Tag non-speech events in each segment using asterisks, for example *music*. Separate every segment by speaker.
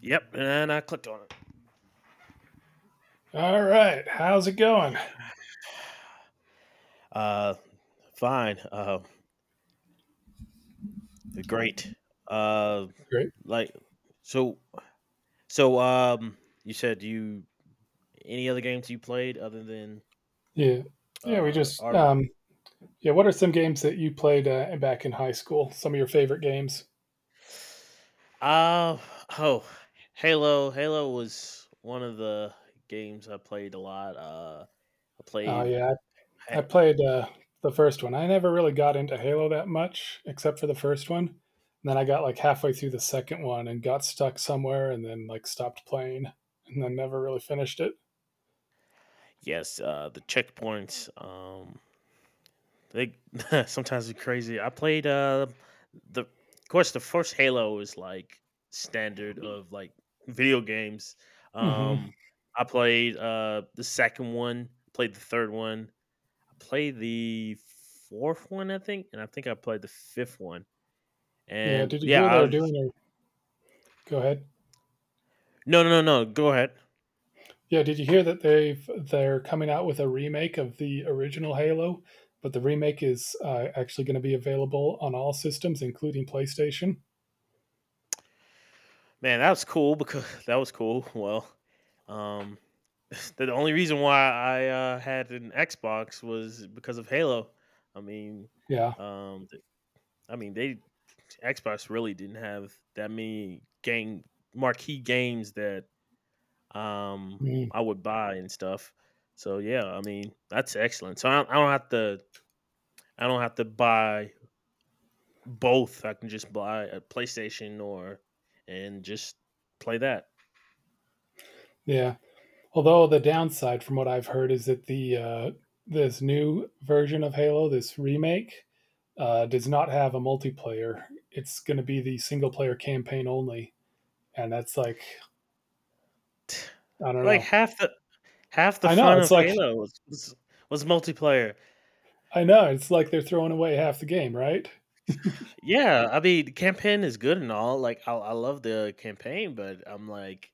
Speaker 1: Yep, and I clicked on it.
Speaker 2: All right. How's it going?
Speaker 1: Uh, Fine. Great. Uh,
Speaker 2: Great.
Speaker 1: like so. So um, you said you any other games you played other than
Speaker 2: Yeah. Yeah, we just
Speaker 1: our
Speaker 2: yeah, what are some games that you played back in high school? Some of your favorite games?
Speaker 1: uh oh, Halo. Halo was one of the games I played a lot. I
Speaker 2: Oh
Speaker 1: played.
Speaker 2: yeah, I
Speaker 1: ha-
Speaker 2: played the first one. I never really got into Halo that much except for the first one. And then I got like halfway through the second one and got stuck somewhere and then like stopped playing and then never really finished it.
Speaker 1: Yes, the checkpoints. They *laughs* sometimes it's crazy. I played the of course the first Halo is like standard of like video games.
Speaker 2: Mhm.
Speaker 1: Um I played the second one, played the third one, I played the fourth one, I think, and I think I played the fifth one.
Speaker 2: Yeah,
Speaker 1: And
Speaker 2: did you
Speaker 1: yeah,
Speaker 2: hear
Speaker 1: I
Speaker 2: they're
Speaker 1: was
Speaker 2: doing a Go ahead.
Speaker 1: no no no no go ahead.
Speaker 2: Yeah, did you hear that they're coming out with a remake of the original Halo? But the remake is actually going to be available on all systems, including PlayStation.
Speaker 1: Man, that was cool because *laughs* that was cool. Um, *laughs* the only reason why I had an Xbox was because of Halo. I mean,
Speaker 2: Yeah.
Speaker 1: th- I mean they Xbox really didn't have that many game marquee games that um
Speaker 2: Mm.
Speaker 1: I would buy and stuff. So yeah, I mean that's excellent. So I don't have to buy both. I can just buy a PlayStation or and just play that.
Speaker 2: Yeah. Although the downside, from what I've heard, is that the this new version of Halo, this remake, does not have a multiplayer. It's going to be the single player campaign only, and that's like I don't
Speaker 1: Like,
Speaker 2: know.
Speaker 1: half the
Speaker 2: I know
Speaker 1: fun
Speaker 2: it's
Speaker 1: of
Speaker 2: like
Speaker 1: Halo was multiplayer.
Speaker 2: I know it's like they're throwing away half the game, right?
Speaker 1: Yeah, I mean, campaign is good and all, like, I love the campaign, but I'm like,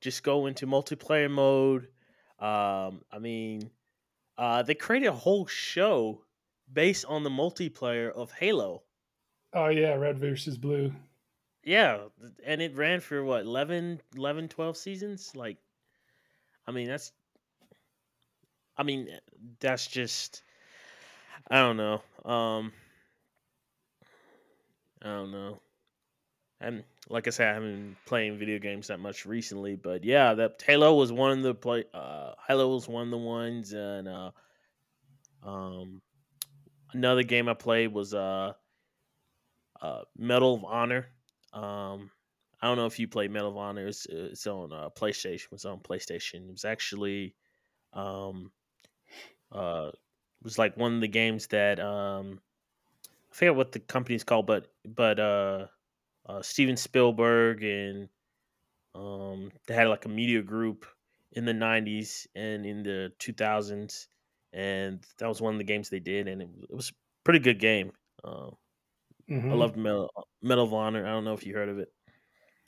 Speaker 1: just go into multiplayer mode. Um, I mean, they created a whole show based on the multiplayer of Halo.
Speaker 2: Oh yeah, red versus blue.
Speaker 1: Yeah, and it ran for what, 11, 11, 12 seasons? Like, I mean, that's I mean, eh, that's just I don't know. Um, I don't know. And like I said, I haven't been playing video games that much recently, but yeah, that Halo was one of the play. Halo was one of the ones, and um, another game I played was Medal of Honor. Um, I don't know if you play Medal of Honor. It's on PlayStation. It's on PlayStation. It was actually um, it was like one of the games that I forget what the company's called, but Steven Spielberg and they had like a media group in the '90s and in the 2000s, and that was one of the games they did, and it was a pretty good game. Um, I loved
Speaker 2: Hmm.
Speaker 1: Medal of Honor. I don't know if you heard of it.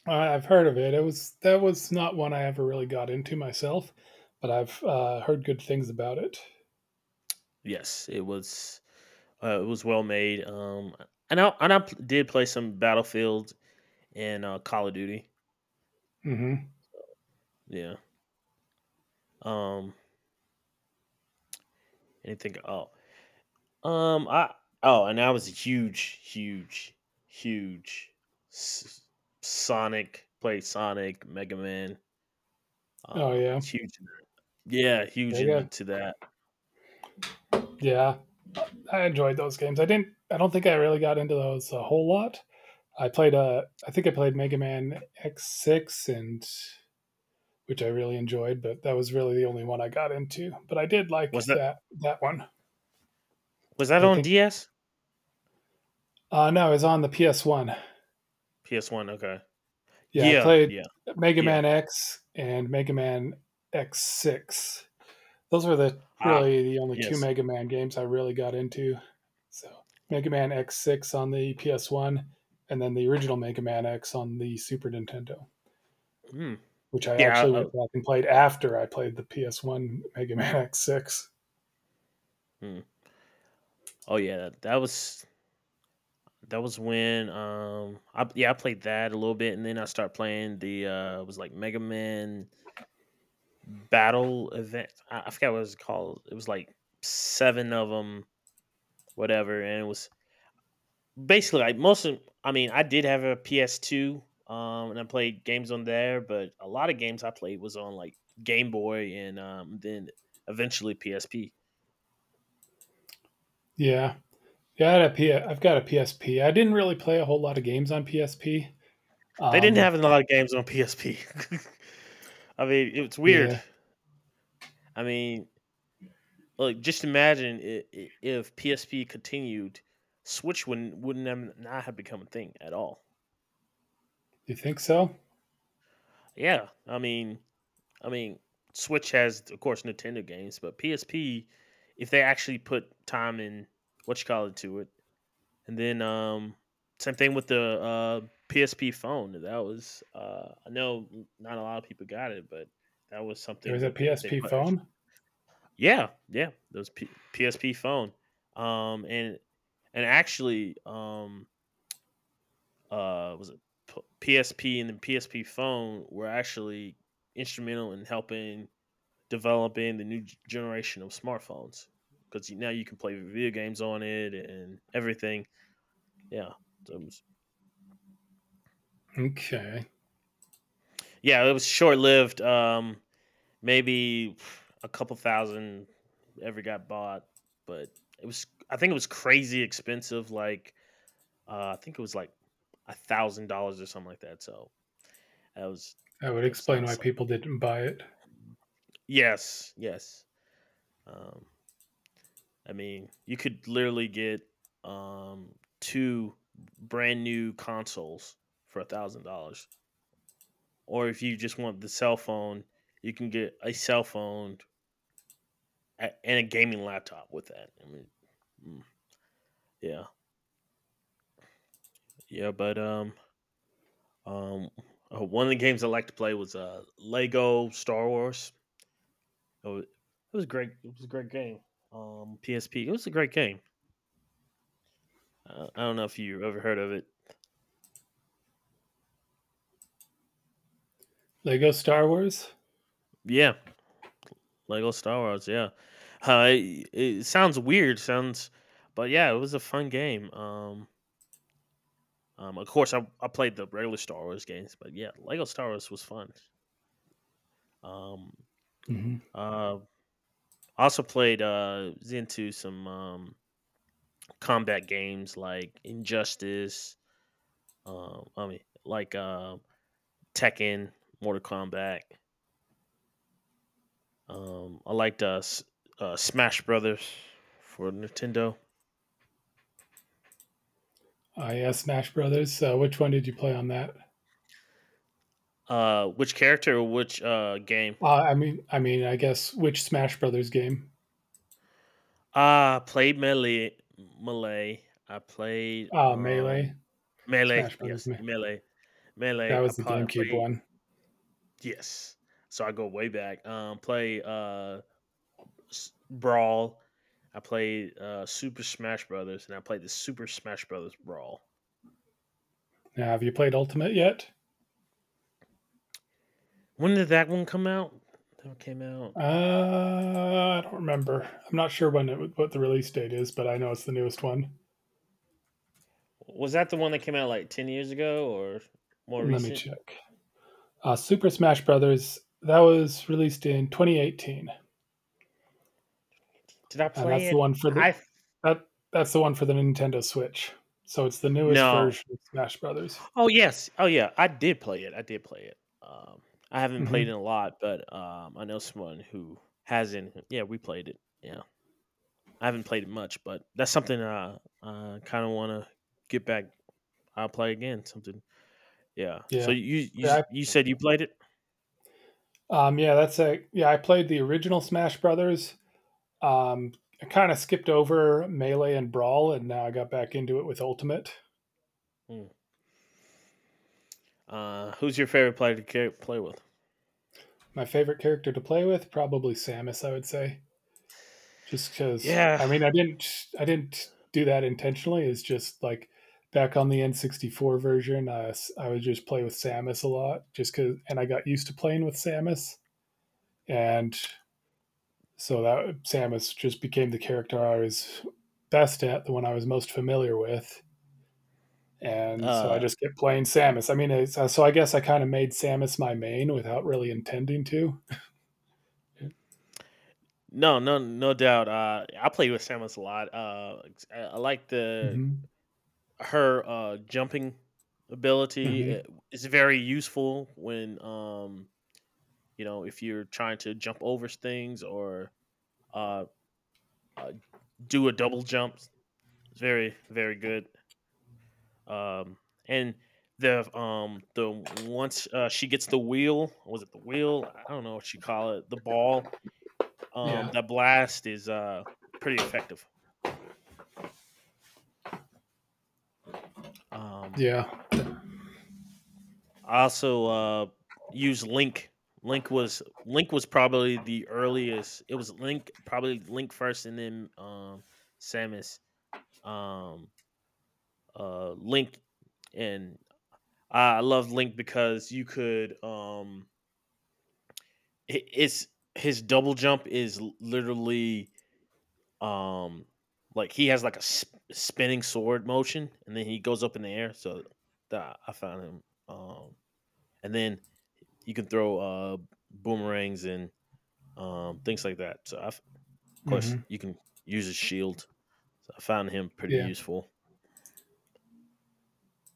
Speaker 2: I've heard of it. It was that was not one I ever really got into myself, but I've heard good things about it.
Speaker 1: Yes, it was. It was well made. And I did play some Battlefield and Call of Duty.
Speaker 2: Hmm.
Speaker 1: Yeah. Um, Anything? Oh, I Oh, and I was a huge, huge, huge S- Sonic. Played Sonic, Mega Man.
Speaker 2: Oh yeah,
Speaker 1: Was huge. Yeah,
Speaker 2: yeah,
Speaker 1: huge
Speaker 2: yeah.
Speaker 1: into that.
Speaker 2: Yeah, I enjoyed those games. I didn't. I don't think I really got into those a whole lot. I think I played Mega Man X six and which I really enjoyed, but that was really the only one I got into. But I did like
Speaker 1: Was that
Speaker 2: that one.
Speaker 1: was that
Speaker 2: I
Speaker 1: on
Speaker 2: think.
Speaker 1: DS?
Speaker 2: No, it's on the PS one.
Speaker 1: PS One. Okay.
Speaker 2: Yeah, I
Speaker 1: Yeah,
Speaker 2: played
Speaker 1: yeah,
Speaker 2: Mega
Speaker 1: yeah.
Speaker 2: Man X and Mega Man X six. Those were the
Speaker 1: Ah,
Speaker 2: really the only two
Speaker 1: yes.
Speaker 2: Mega Man games I really got into. So Mega Man X6 on the PS1, and then the original Mega Man X on the Super Nintendo,
Speaker 1: Mm.
Speaker 2: which I
Speaker 1: Yeah.
Speaker 2: actually went back and played after I played the PS1 Mega Man X6.
Speaker 1: Mm. Oh, yeah. That was when I played that a little bit, and then I started playing the it was like Mega Man battle event. I forgot what it was called. It was like seven of them, whatever, and it was basically like most of. I mean, I did have a PS2, and I played games on there, but a lot of games I played was on like Game Boy, and then eventually PSP.
Speaker 2: Yeah, yeah, I've got a PSP. I didn't really play a whole lot of games on PSP.
Speaker 1: They didn't
Speaker 2: Um,
Speaker 1: have a lot of games on PSP. *laughs* I mean, it's weird.
Speaker 2: yeah,
Speaker 1: I mean, like just imagine I if PSP continued, Switch wouldn't have, not have become a thing at all.
Speaker 2: you think so?
Speaker 1: Yeah, I mean, Switch has, of course, Nintendo games, but PSP, if they actually put time in, what you call it to it, and then same thing with the PSP phone. That was, I know, not a lot of people got it, but that was
Speaker 2: There
Speaker 1: something
Speaker 2: was a
Speaker 1: that they, if they
Speaker 2: PSP
Speaker 1: put, ex-
Speaker 2: phone.
Speaker 1: yeah, yeah, PSP phone, um, and and actually, uh, was it PSP and then PSP phone were actually instrumental in helping developing the new generation of smartphones because now you can play video games on it and everything. Yeah, so it was,
Speaker 2: Okay,
Speaker 1: yeah, it was short lived. Maybe a couple thousand ever got bought, but it was I think it was crazy expensive. I think it was like $1,000 or something like that. So that was
Speaker 2: that would
Speaker 1: that was
Speaker 2: explain
Speaker 1: not
Speaker 2: why
Speaker 1: something.
Speaker 2: people didn't buy it.
Speaker 1: Yes, yes. Um, I mean, you could literally get um two brand new consoles for $1,000. Or if you just want the cell phone, you can get a cell phone and a gaming laptop with that. I mean, mm, yeah, yeah, but um, One of the games I like to play was Lego Star Wars. It was great. It was a great game. PSP. It was a great game. I don't know if you ever heard of it.
Speaker 2: Lego Star Wars.
Speaker 1: Yeah, Lego Star Wars, yeah. It sounds weird, but yeah, it was a fun game. Of course, I played the regular Star Wars games, but yeah, Lego Star Wars was fun. Um,
Speaker 2: Hmm.
Speaker 1: uh, Also played was into some combat games like Injustice. Um, I mean, like uh, Tekken, Mortal Kombat. I liked Smash Brothers for Nintendo.
Speaker 2: Oh yeah, Smash Brothers. Which one did you play on that?
Speaker 1: Which character, or which game?
Speaker 2: I mean, I guess which Smash Brothers game?
Speaker 1: I played melee. I played
Speaker 2: Melee,
Speaker 1: melee.
Speaker 2: Smash Brothers.
Speaker 1: Yes,
Speaker 2: Me-
Speaker 1: melee,
Speaker 2: That
Speaker 1: melee. I
Speaker 2: was the
Speaker 1: probably
Speaker 2: GameCube
Speaker 1: played
Speaker 2: one.
Speaker 1: Yes. So I go way back. Brawl. I played Super Smash Brothers, and I played the Super Smash Brothers Brawl.
Speaker 2: Now, have you played Ultimate yet?
Speaker 1: When did that one come out? That one came out.
Speaker 2: I don't remember. I'm not sure what the release date is, but I know it's the newest one.
Speaker 1: Was that the one that came out like 10 years ago or more
Speaker 2: Let me
Speaker 1: recent?
Speaker 2: check. Super Smash Brothers. That was released in 2018,
Speaker 1: Did I
Speaker 2: and
Speaker 1: play
Speaker 2: that's the
Speaker 1: it?
Speaker 2: one for
Speaker 1: I
Speaker 2: the
Speaker 1: f-
Speaker 2: that that's the one for the Nintendo Switch. So it's the newest
Speaker 1: No.
Speaker 2: version of Smash Brothers.
Speaker 1: Oh yes. Oh yeah. I did play it. I did play it. I haven't played
Speaker 2: Hmm.
Speaker 1: it a lot, but I know someone who has in. Yeah, we played it. Yeah, I haven't played it much, but that's something I kind of want to get back. I'll play again. Something. Yeah. So
Speaker 2: Yeah, yeah.
Speaker 1: you said you played it.
Speaker 2: Yeah, that's a yeah. I played the original Smash Brothers. Um, I kind of skipped over Melee and Brawl, and now I got back into it with Ultimate.
Speaker 1: Mm. Who's your favorite player to play with?
Speaker 2: My favorite character to play with probably Samus. I would say just because
Speaker 1: Yeah.
Speaker 2: I mean I didn't do that intentionally. It's just like back on the N64 version, I would just play with Samus a lot, just cause, and I got used to playing with Samus, and so that Samus just became the character I was best at, the one I was most familiar with, and so I
Speaker 1: Uh,
Speaker 2: just kept playing Samus. So I guess I kind of made Samus my main without really intending to.
Speaker 1: no doubt. I play with Samus a lot. I like the
Speaker 2: Hmm.
Speaker 1: her jumping ability
Speaker 2: Hmm.
Speaker 1: is very useful when you know if you're trying to jump over things or uh, uh, do a double jump. It's very very good. Um, and the once she gets the wheel, was it the wheel, I don't know what you call it, the ball,
Speaker 2: Yeah.
Speaker 1: that blast is pretty effective. Um,
Speaker 2: Yeah.
Speaker 1: I also use Link. Link was probably the earliest. It was Link Probably Link first, and then Samus. Um, Link, and I love Link because you could it's his double jump is literally um like he has like a spinning sword motion, and then he goes up in the air. So that I found him. Um, and then you can throw boomerangs and things like that. So, I've, of course,
Speaker 2: Hmm.
Speaker 1: you can use his shield. So I found him pretty
Speaker 2: Yeah.
Speaker 1: useful.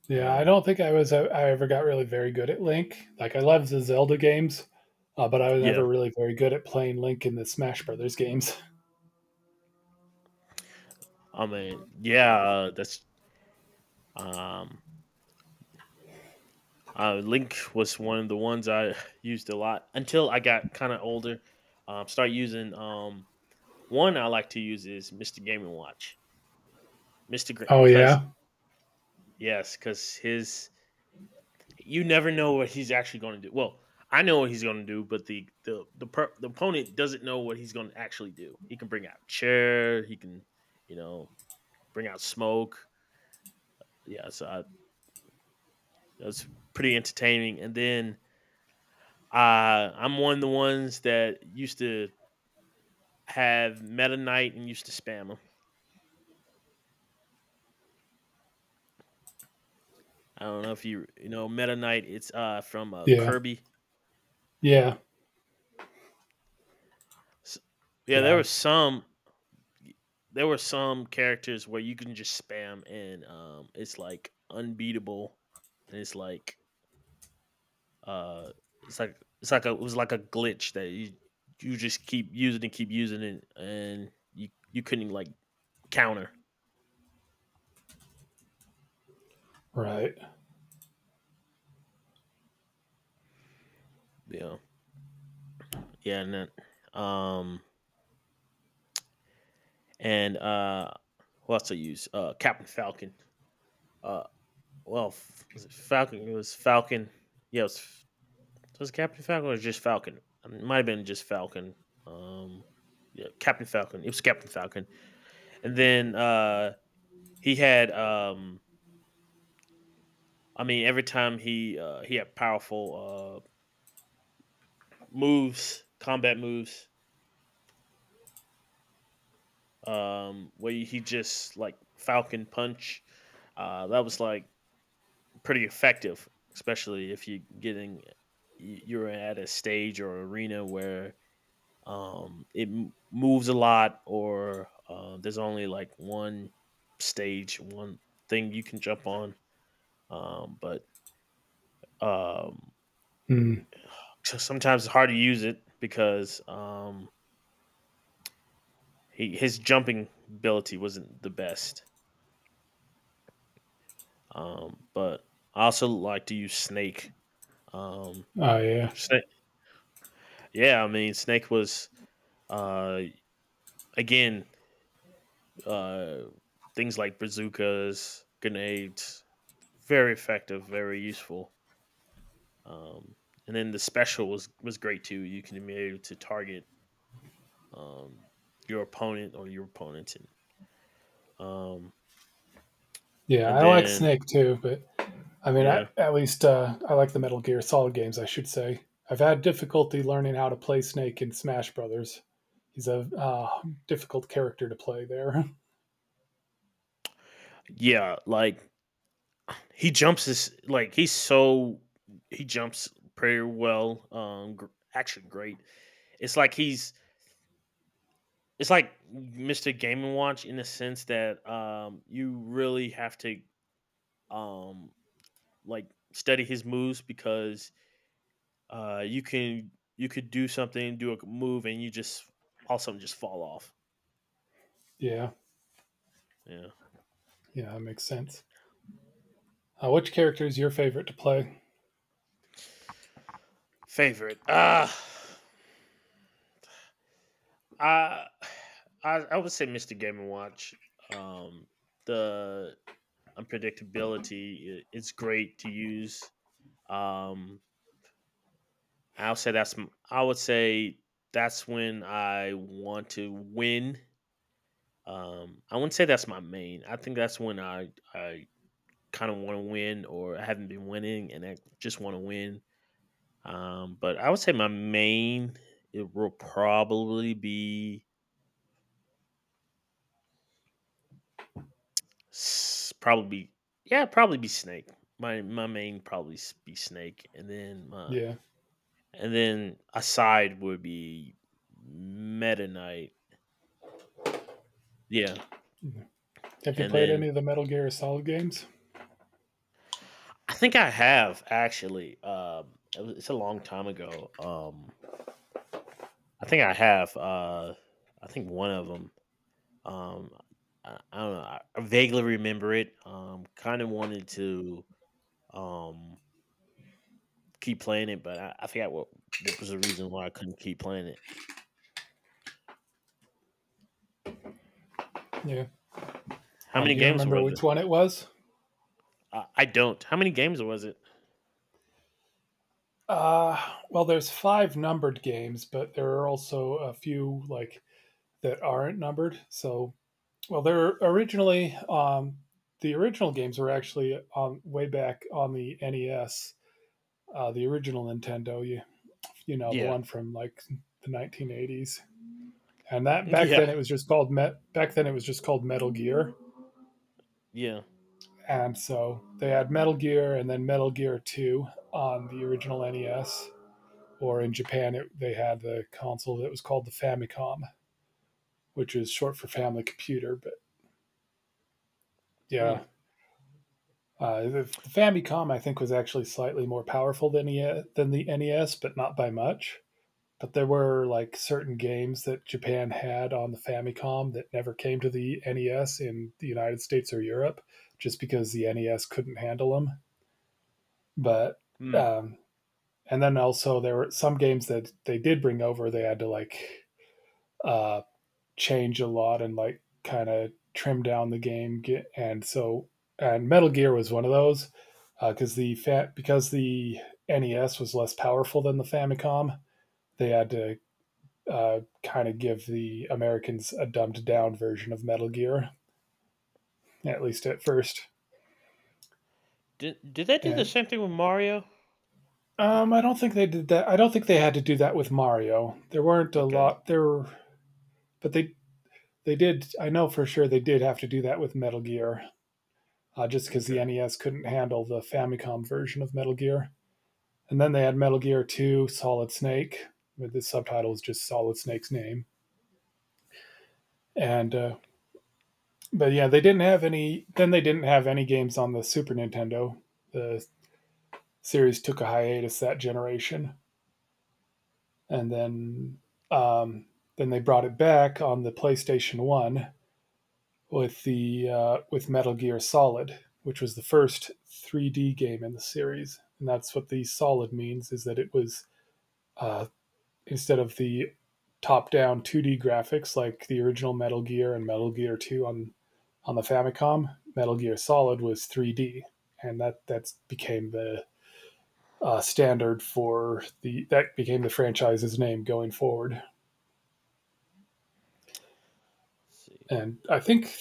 Speaker 2: Yeah. I
Speaker 1: Um,
Speaker 2: don't think I was I, I ever got really very good at Link. Like I loved the Zelda games, but I was
Speaker 1: yeah,
Speaker 2: never really very good at playing Link in the Smash Brothers games.
Speaker 1: I mean, yeah, that's um, Link was one of the ones I *laughs* *sighs* used a lot until I got kind of older. Start using one I like to use is Mr. Gaming Watch,
Speaker 2: Oh
Speaker 1: because
Speaker 2: yeah.
Speaker 1: yes, because his you never know what he's actually going to do. Well, I know what he's going to do, but the opponent doesn't know what he's going to actually do. He can bring out a chair. He can, you know, bring out smoke. Yeah, that's pretty entertaining. And then I'm one of the ones that used to have Meta Knight and used to spam him. I don't know if you know Meta Knight. It's from
Speaker 2: Yeah.
Speaker 1: Kirby. Yeah,
Speaker 2: Yeah.
Speaker 1: S- yeah. There
Speaker 2: Yeah.
Speaker 1: was y- there were some characters where you can just spam and it's like unbeatable and uh it was like a glitch that you just keep using and keep using it and you couldn't like counter.
Speaker 2: Right.
Speaker 1: Yeah, yeah. And then, um and who else, I use Captain Falcon. Uh well f- was it Falcon it was Falcon yeah it was Captain Falcon or just Falcon? I mean, it might have been just Falcon. Um, yeah, Captain Falcon. It was Captain Falcon. And then he had. I mean, every time he had powerful moves, combat moves. Where he just like Falcon punch. That was like pretty effective, especially if you're at a stage or arena where moves a lot, or there's only like one stage, one thing you can jump on but um
Speaker 2: Mm.
Speaker 1: so sometimes it's hard to use it because he his jumping ability wasn't the best, but I also like to use Snake. um
Speaker 2: Oh yeah.
Speaker 1: Snake, yeah, I mean Snake was, uh again, uh things like bazookas, grenades, very effective, very useful. Um, and then the special was great too. You can be able to target um, your opponent or your opponents, um,
Speaker 2: Yeah.
Speaker 1: and
Speaker 2: I like
Speaker 1: then
Speaker 2: Snake too, but I mean,
Speaker 1: yeah,
Speaker 2: at least I like the Metal Gear Solid games, I should say. I've had difficulty learning how to play Snake in Smash Brothers. He's a difficult character to play there.
Speaker 1: yeah, like he jumps this, like he's so, he jumps pretty well. Actually, great. It's like he's it's like Mr. Game and Watch, in the sense that you really have to, um, like, study his moves because Uh, you can you could do something, do a move, and you just all of a sudden just fall off.
Speaker 2: *laughs* yeah,
Speaker 1: Yeah.
Speaker 2: yeah, that makes sense. Which character is your favorite to play?
Speaker 1: Favorite. I I would say Mr. Game and Watch. Um the unpredictability, it's great to use. Um I'll say I would say that's when I want to win. I wouldn't say that's my main. I think that's when I kind of want to win, or I haven't been winning and I just want to win. But I would say my main, it will probably be s- probably yeah, probably be Snake. My main probably be Snake, and then my,
Speaker 2: Yeah.
Speaker 1: and then aside would be Meta Knight. Yeah,
Speaker 2: Have you
Speaker 1: and
Speaker 2: played
Speaker 1: then
Speaker 2: any of the Metal Gear Solid games?
Speaker 1: I think I have, actually. It's a long time ago. I think I have. I think one of them. Um, I don't know. I vaguely remember it. Kind of wanted to, Um, keep playing it, but I forgot what was the reason why I couldn't keep playing it.
Speaker 2: Yeah.
Speaker 1: How many
Speaker 2: Do you
Speaker 1: games
Speaker 2: remember
Speaker 1: was it?
Speaker 2: which one it was?
Speaker 1: I don't. How many games was it?
Speaker 2: Uh, well, there's five numbered games, but there are also a few like that aren't numbered. So well, they're originally the original games were actually on way back on the NES, the original Nintendo. You know the
Speaker 1: Yeah.
Speaker 2: one from like the 1980s, and that back
Speaker 1: *laughs* Yeah,
Speaker 2: then it was just called Met. Back then it was just called Metal Gear,
Speaker 1: yeah.
Speaker 2: and so they had Metal Gear and then Metal Gear Two on the original NES. Or in Japan, they had the console that was called the Famicom, which is short for Family Computer. But
Speaker 1: Hmm.
Speaker 2: yeah, the Famicom, I think, was actually slightly more powerful than than the NES, but not by much. But there were like certain games that Japan had on the Famicom that never came to the NES in the United States or Europe, just because the NES couldn't handle them. But
Speaker 1: Hmm.
Speaker 2: um, and then also there were some games that they did bring over. They had to like uh, change a lot and like kind of trim down the game. And Metal Gear was one of those because because the NES was less powerful than the Famicom, they had to kind of give the Americans a dumbed down version of Metal Gear, at least at first.
Speaker 1: Did that do the
Speaker 2: And
Speaker 1: same thing with Mario? I think.
Speaker 2: I don't think they did that. I don't think they had to do that with Mario. There weren't a
Speaker 1: Okay.
Speaker 2: lot there, but they did. I know for sure they did have to do that with Metal Gear, just because the
Speaker 1: Okay.
Speaker 2: NES couldn't handle the Famicom version of Metal Gear. And then they had Metal Gear 2 Solid Snake, but the subtitle is just Solid Snake's name. And but yeah, they didn't have any. Then they didn't have any games on the Super Nintendo. The series took a hiatus that generation, and um, then they brought it back on the PlayStation One with the with Metal Gear Solid, which was the first 3D game in the series. And that's what the solid means is that it was uh, instead of the top-down 2D graphics like the original Metal Gear and Metal Gear 2 on the Famicom. Metal Gear Solid was 3D, and that's became the standard for the that became the franchise's name going forward.
Speaker 1: Let's see.
Speaker 2: And I think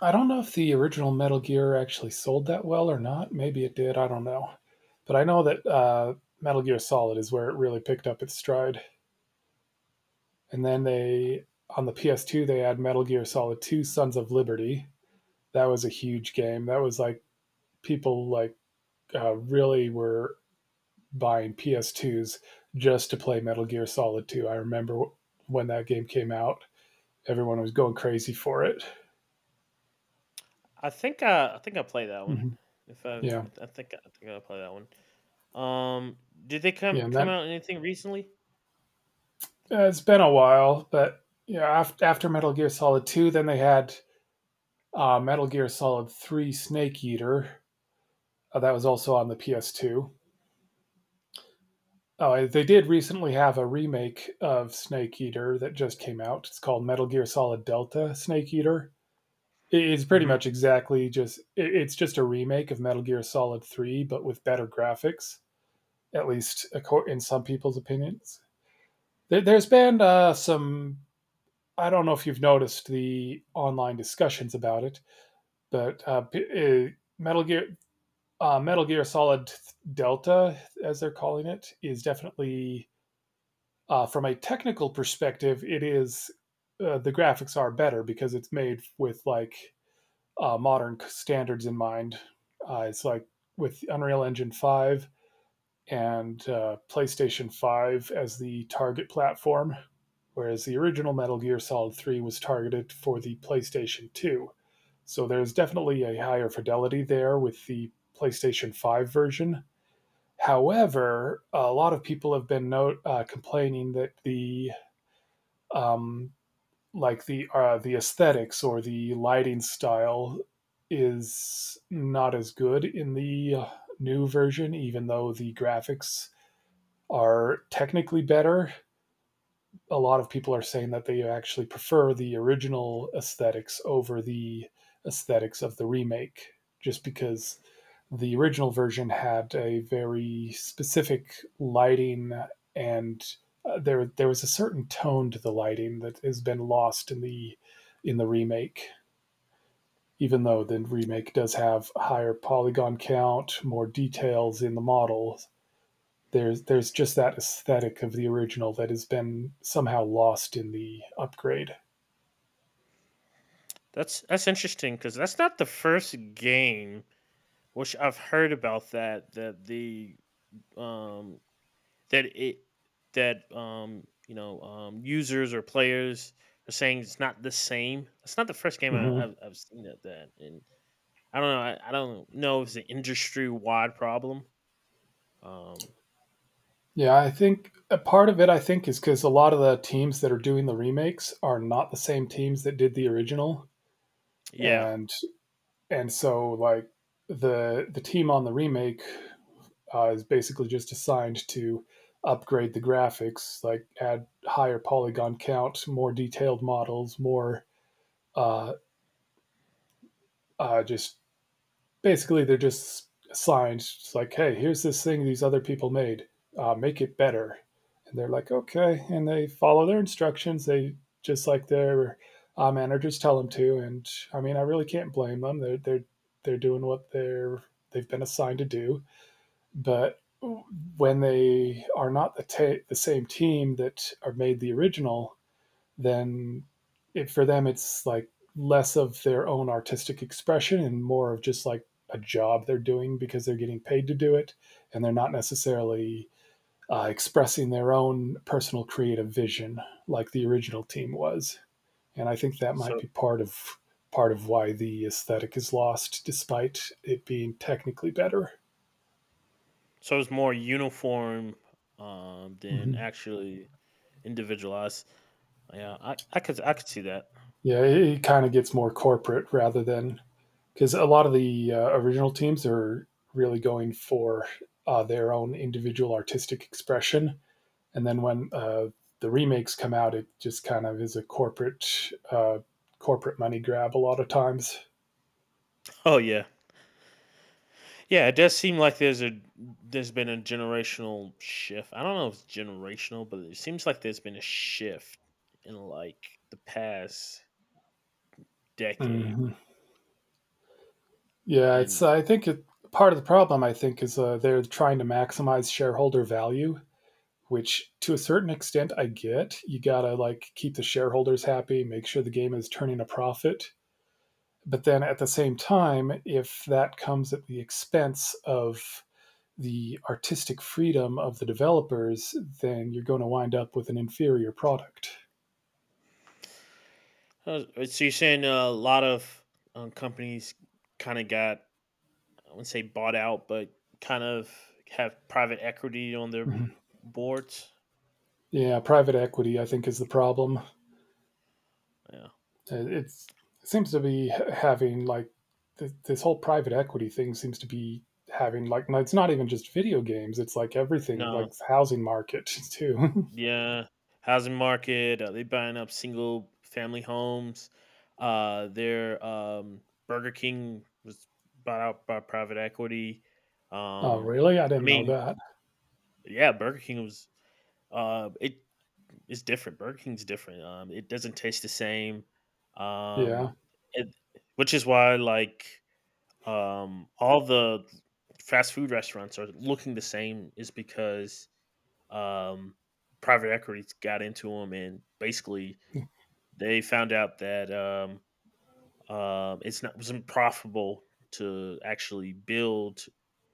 Speaker 2: I don't know if the original Metal Gear actually sold that well or not. Maybe it did. I don't know, but I know that Metal Gear Solid is where it really picked up its stride. And then they on the PS2 they had Metal Gear Solid 2 Sons of Liberty. That was a huge game. That was like people like really were buying PS2s just to play Metal Gear Solid 2. I remember when that game came out, everyone was going crazy for it.
Speaker 1: I think I play that one.
Speaker 2: Mhm.
Speaker 1: If I,
Speaker 2: Yeah.
Speaker 1: I th- I think I'll play that one. Um, did they
Speaker 2: Yeah, and
Speaker 1: come
Speaker 2: that
Speaker 1: out anything recently?
Speaker 2: it's been a while, but yeah, after Metal Gear Solid 2, then they had Metal Gear Solid 3 Snake Eater. That was also on the PS2. Oh, they did recently have a remake of Snake Eater that just came out. It's called Metal Gear Solid Delta Snake Eater. It's pretty
Speaker 1: Hmm.
Speaker 2: much exactly it's just a remake of Metal Gear Solid 3 but with better graphics, in some people's opinions. There's been some I don't know if you've noticed the online discussions about it, but Metal Gear Metal Gear Solid Delta, as they're calling it, is definitely from a technical perspective, it is the graphics are better because it's made with like modern standards in mind. It's like with Unreal Engine 5 and PlayStation 5 as the target platform, whereas the original Metal Gear Solid 3 was targeted for the PlayStation 2. So there's definitely a higher fidelity there with the PlayStation 5 version. However, a lot of people have been complaining that the um, the aesthetics or the lighting style is not as good in the new version, even though the graphics are technically better. A lot of people are saying that they actually prefer the original aesthetics over the aesthetics of the remake, just because the original version had a very specific lighting, and there there was a certain tone to the lighting that has been lost in the remake. Even though the remake does have higher polygon count, more details in the model, there's just that aesthetic of the original that has been somehow lost in the upgrade.
Speaker 1: That's interesting because that's not the first game which I've heard about that that the um that it that users or players are saying it's not the same. It's not the first game
Speaker 2: Mm-hmm.
Speaker 1: I've seen that, and I don't know, I don't know if it's an industry wide problem. Um,
Speaker 2: Yeah, I think a part of it I think is because a lot of the teams that are doing the remakes are not the same teams that did the original.
Speaker 1: yeah.
Speaker 2: and and so like the team on the remake is basically just assigned to upgrade the graphics, like add higher polygon count, more detailed models, more uh, just basically they're just assigned. It's like, hey, here's this thing these other people made, make it better. And they're like, okay, and they follow their instructions they just like their managers tell them to. And I mean, I really can't blame them. They're doing what they've been assigned to do. But when they are not the, ta the same team that are made the original, then for them it's like less of their own artistic expression and more of just like a job they're doing because they're getting paid to do it. And they're not necessarily expressing their own personal creative vision like the original team was. And I think that might
Speaker 1: So
Speaker 2: be part of why the aesthetic is lost despite it being technically better.
Speaker 1: So it's more uniform, than
Speaker 2: Mm-hmm.
Speaker 1: actually individualized. Yeah, I could see that. *laughs*
Speaker 2: Yeah, it kind of gets more corporate rather than because a lot of the original teams are really going for their own individual artistic expression. And then when the remakes come out, it just kind of is a corporate corporate money grab a lot of times.
Speaker 1: Oh yeah, yeah. It does seem like there's a there's been a generational shift. I don't know if it's generational, but it seems like there's been a shift in like the past decade.
Speaker 2: Mm-hmm. Yeah, it's
Speaker 1: And
Speaker 2: I think it, part of the problem I think is they're trying to maximize shareholder value, which to a certain extent I get. You gotta like keep the shareholders happy, make sure the game is turning a profit. But then at the same time, if that comes at the expense of the artistic freedom of the developers, then you're going to wind up with an inferior product.
Speaker 1: so you're saying a lot of companies kind of got, I wouldn't say bought out, but kind of have private equity on their
Speaker 2: Mhm.
Speaker 1: boards.
Speaker 2: Yeah, private equity, I think, is the problem.
Speaker 1: Yeah.
Speaker 2: Uh, It's, it seems to be having like this whole private equity thing seems to be having like, no, it's not even just video games; it's like everything,
Speaker 1: No.
Speaker 2: like housing market too.
Speaker 1: Yeah, housing market. They buying up single family homes. Their Burger King was bought out by private equity.
Speaker 2: *laughs* Oh,
Speaker 1: Um,
Speaker 2: really? I
Speaker 1: I
Speaker 2: didn't know
Speaker 1: mean,
Speaker 2: that.
Speaker 1: yeah, Burger King was. It is different. Burger King's different. It doesn't taste the same.
Speaker 2: Yeah,
Speaker 1: Um, it, which is why like all the fast food restaurants are looking the same is because um, private equity got into them, and basically they found out that it's not it wasn't profitable to actually build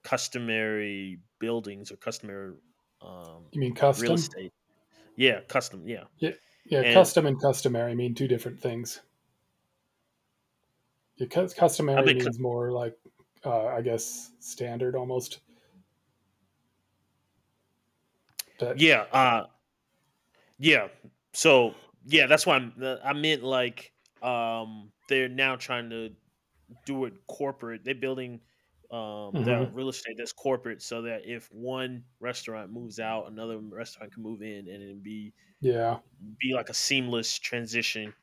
Speaker 1: customary buildings or customary um,
Speaker 2: you mean
Speaker 1: real
Speaker 2: custom?
Speaker 1: estate. Yeah, custom. Yeah,
Speaker 2: Yeah, yeah.
Speaker 1: and
Speaker 2: Custom and customary mean two different things. Yeah,
Speaker 1: I
Speaker 2: customary
Speaker 1: mean, cu-
Speaker 2: means more like, I guess, standard almost. But
Speaker 1: yeah, yeah. So yeah, that's why I meant like, they're now trying to do it corporate. They're building their
Speaker 2: mhm,
Speaker 1: real estate that's corporate so that if one restaurant moves out, another restaurant can move in and it
Speaker 2: yeah,
Speaker 1: be like a seamless transition.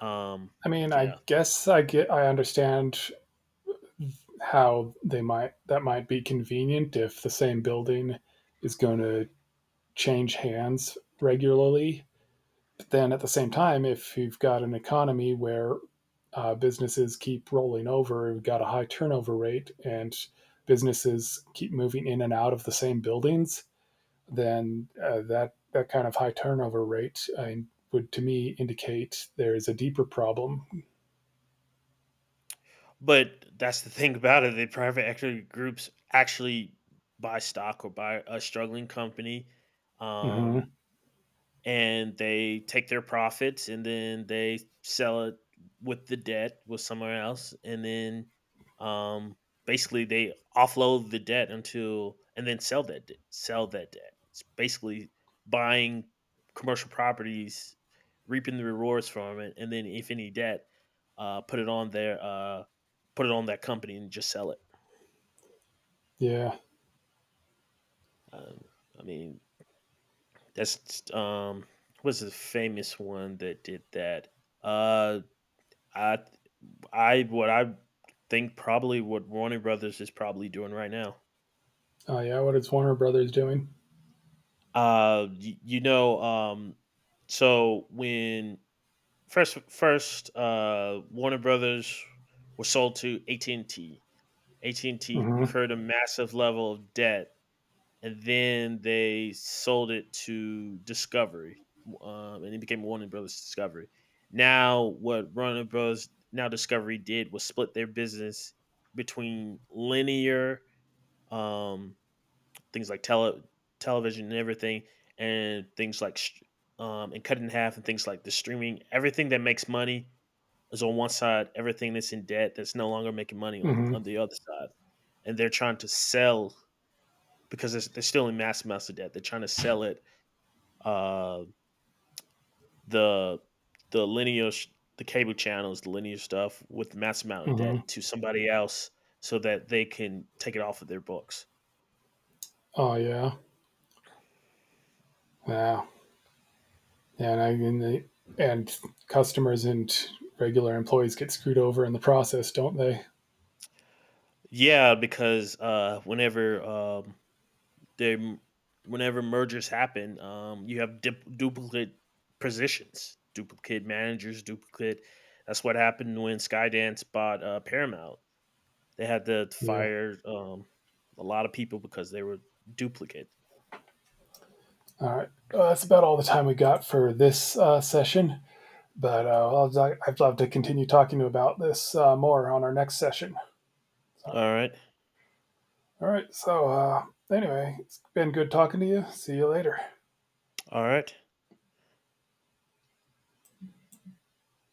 Speaker 1: Um
Speaker 2: I mean,
Speaker 1: yeah.
Speaker 2: I understand how they might that might be convenient if the same building is going to change hands regularly. But then at the same time, if you've got an economy where businesses keep rolling over. We've got a high turnover rate, and businesses keep moving in and out of the same buildings. Then that kind of high turnover rate would, to me, indicate there is a deeper problem.
Speaker 1: But that's the thing about it. The private equity groups actually buy stock or buy a struggling company um
Speaker 2: Hmm.
Speaker 1: and they take their profits, and then they sell it with the debt with somewhere else, and then um basically they offload the debt, until and then sell sell that debt. It's basically buying commercial properties, reaping the rewards from it, and then if any debt, uh put it on their uh put it on that company and just sell it.
Speaker 2: Yeah.
Speaker 1: um, I mean, that's what's the famous one that did that? uh I I think probably what Warner Brothers is probably doing right now.
Speaker 2: Oh yeah. What is Warner Brothers doing?
Speaker 1: You know, so when first Warner Brothers was sold to AT&T, AT&T
Speaker 2: Mm
Speaker 1: incurred a massive level of debt, and then they sold it to Discovery, and it became Warner Brothers Discovery. Now, what Warner Brothers, now Discovery, did was split their business between linear, um, things like television and everything, and things like, and cut it in half, and things like the streaming. Everything that makes money is on one side. Everything that's in debt that's no longer making money
Speaker 2: hmm
Speaker 1: on
Speaker 2: mm
Speaker 1: the other side, and they're trying to sell because they're still in massive amounts of debt. They're trying to sell it. Uh, the the linear, the cable channels, the linear stuff with massive amount
Speaker 2: hmm
Speaker 1: of
Speaker 2: mm
Speaker 1: debt,
Speaker 2: hmm
Speaker 1: to somebody else, so that they can take it off of their books.
Speaker 2: Oh yeah. Yeah. And I mean, they, and customers and regular employees get screwed over in the process, don't they?
Speaker 1: Yeah, because they whenever mergers happen, you have duplicate positions, duplicate managers, duplicate. That's what happened when Skydance bought Paramount. They had to
Speaker 2: Yeah.
Speaker 1: fire a lot of people because they were duplicate.
Speaker 2: All right. Well, that's about all the time we got for this session, but I'd love to continue talking about this more on our next session. So,
Speaker 1: All right,
Speaker 2: all right. So, anyway, it's been good talking to you. See you later.
Speaker 1: all right.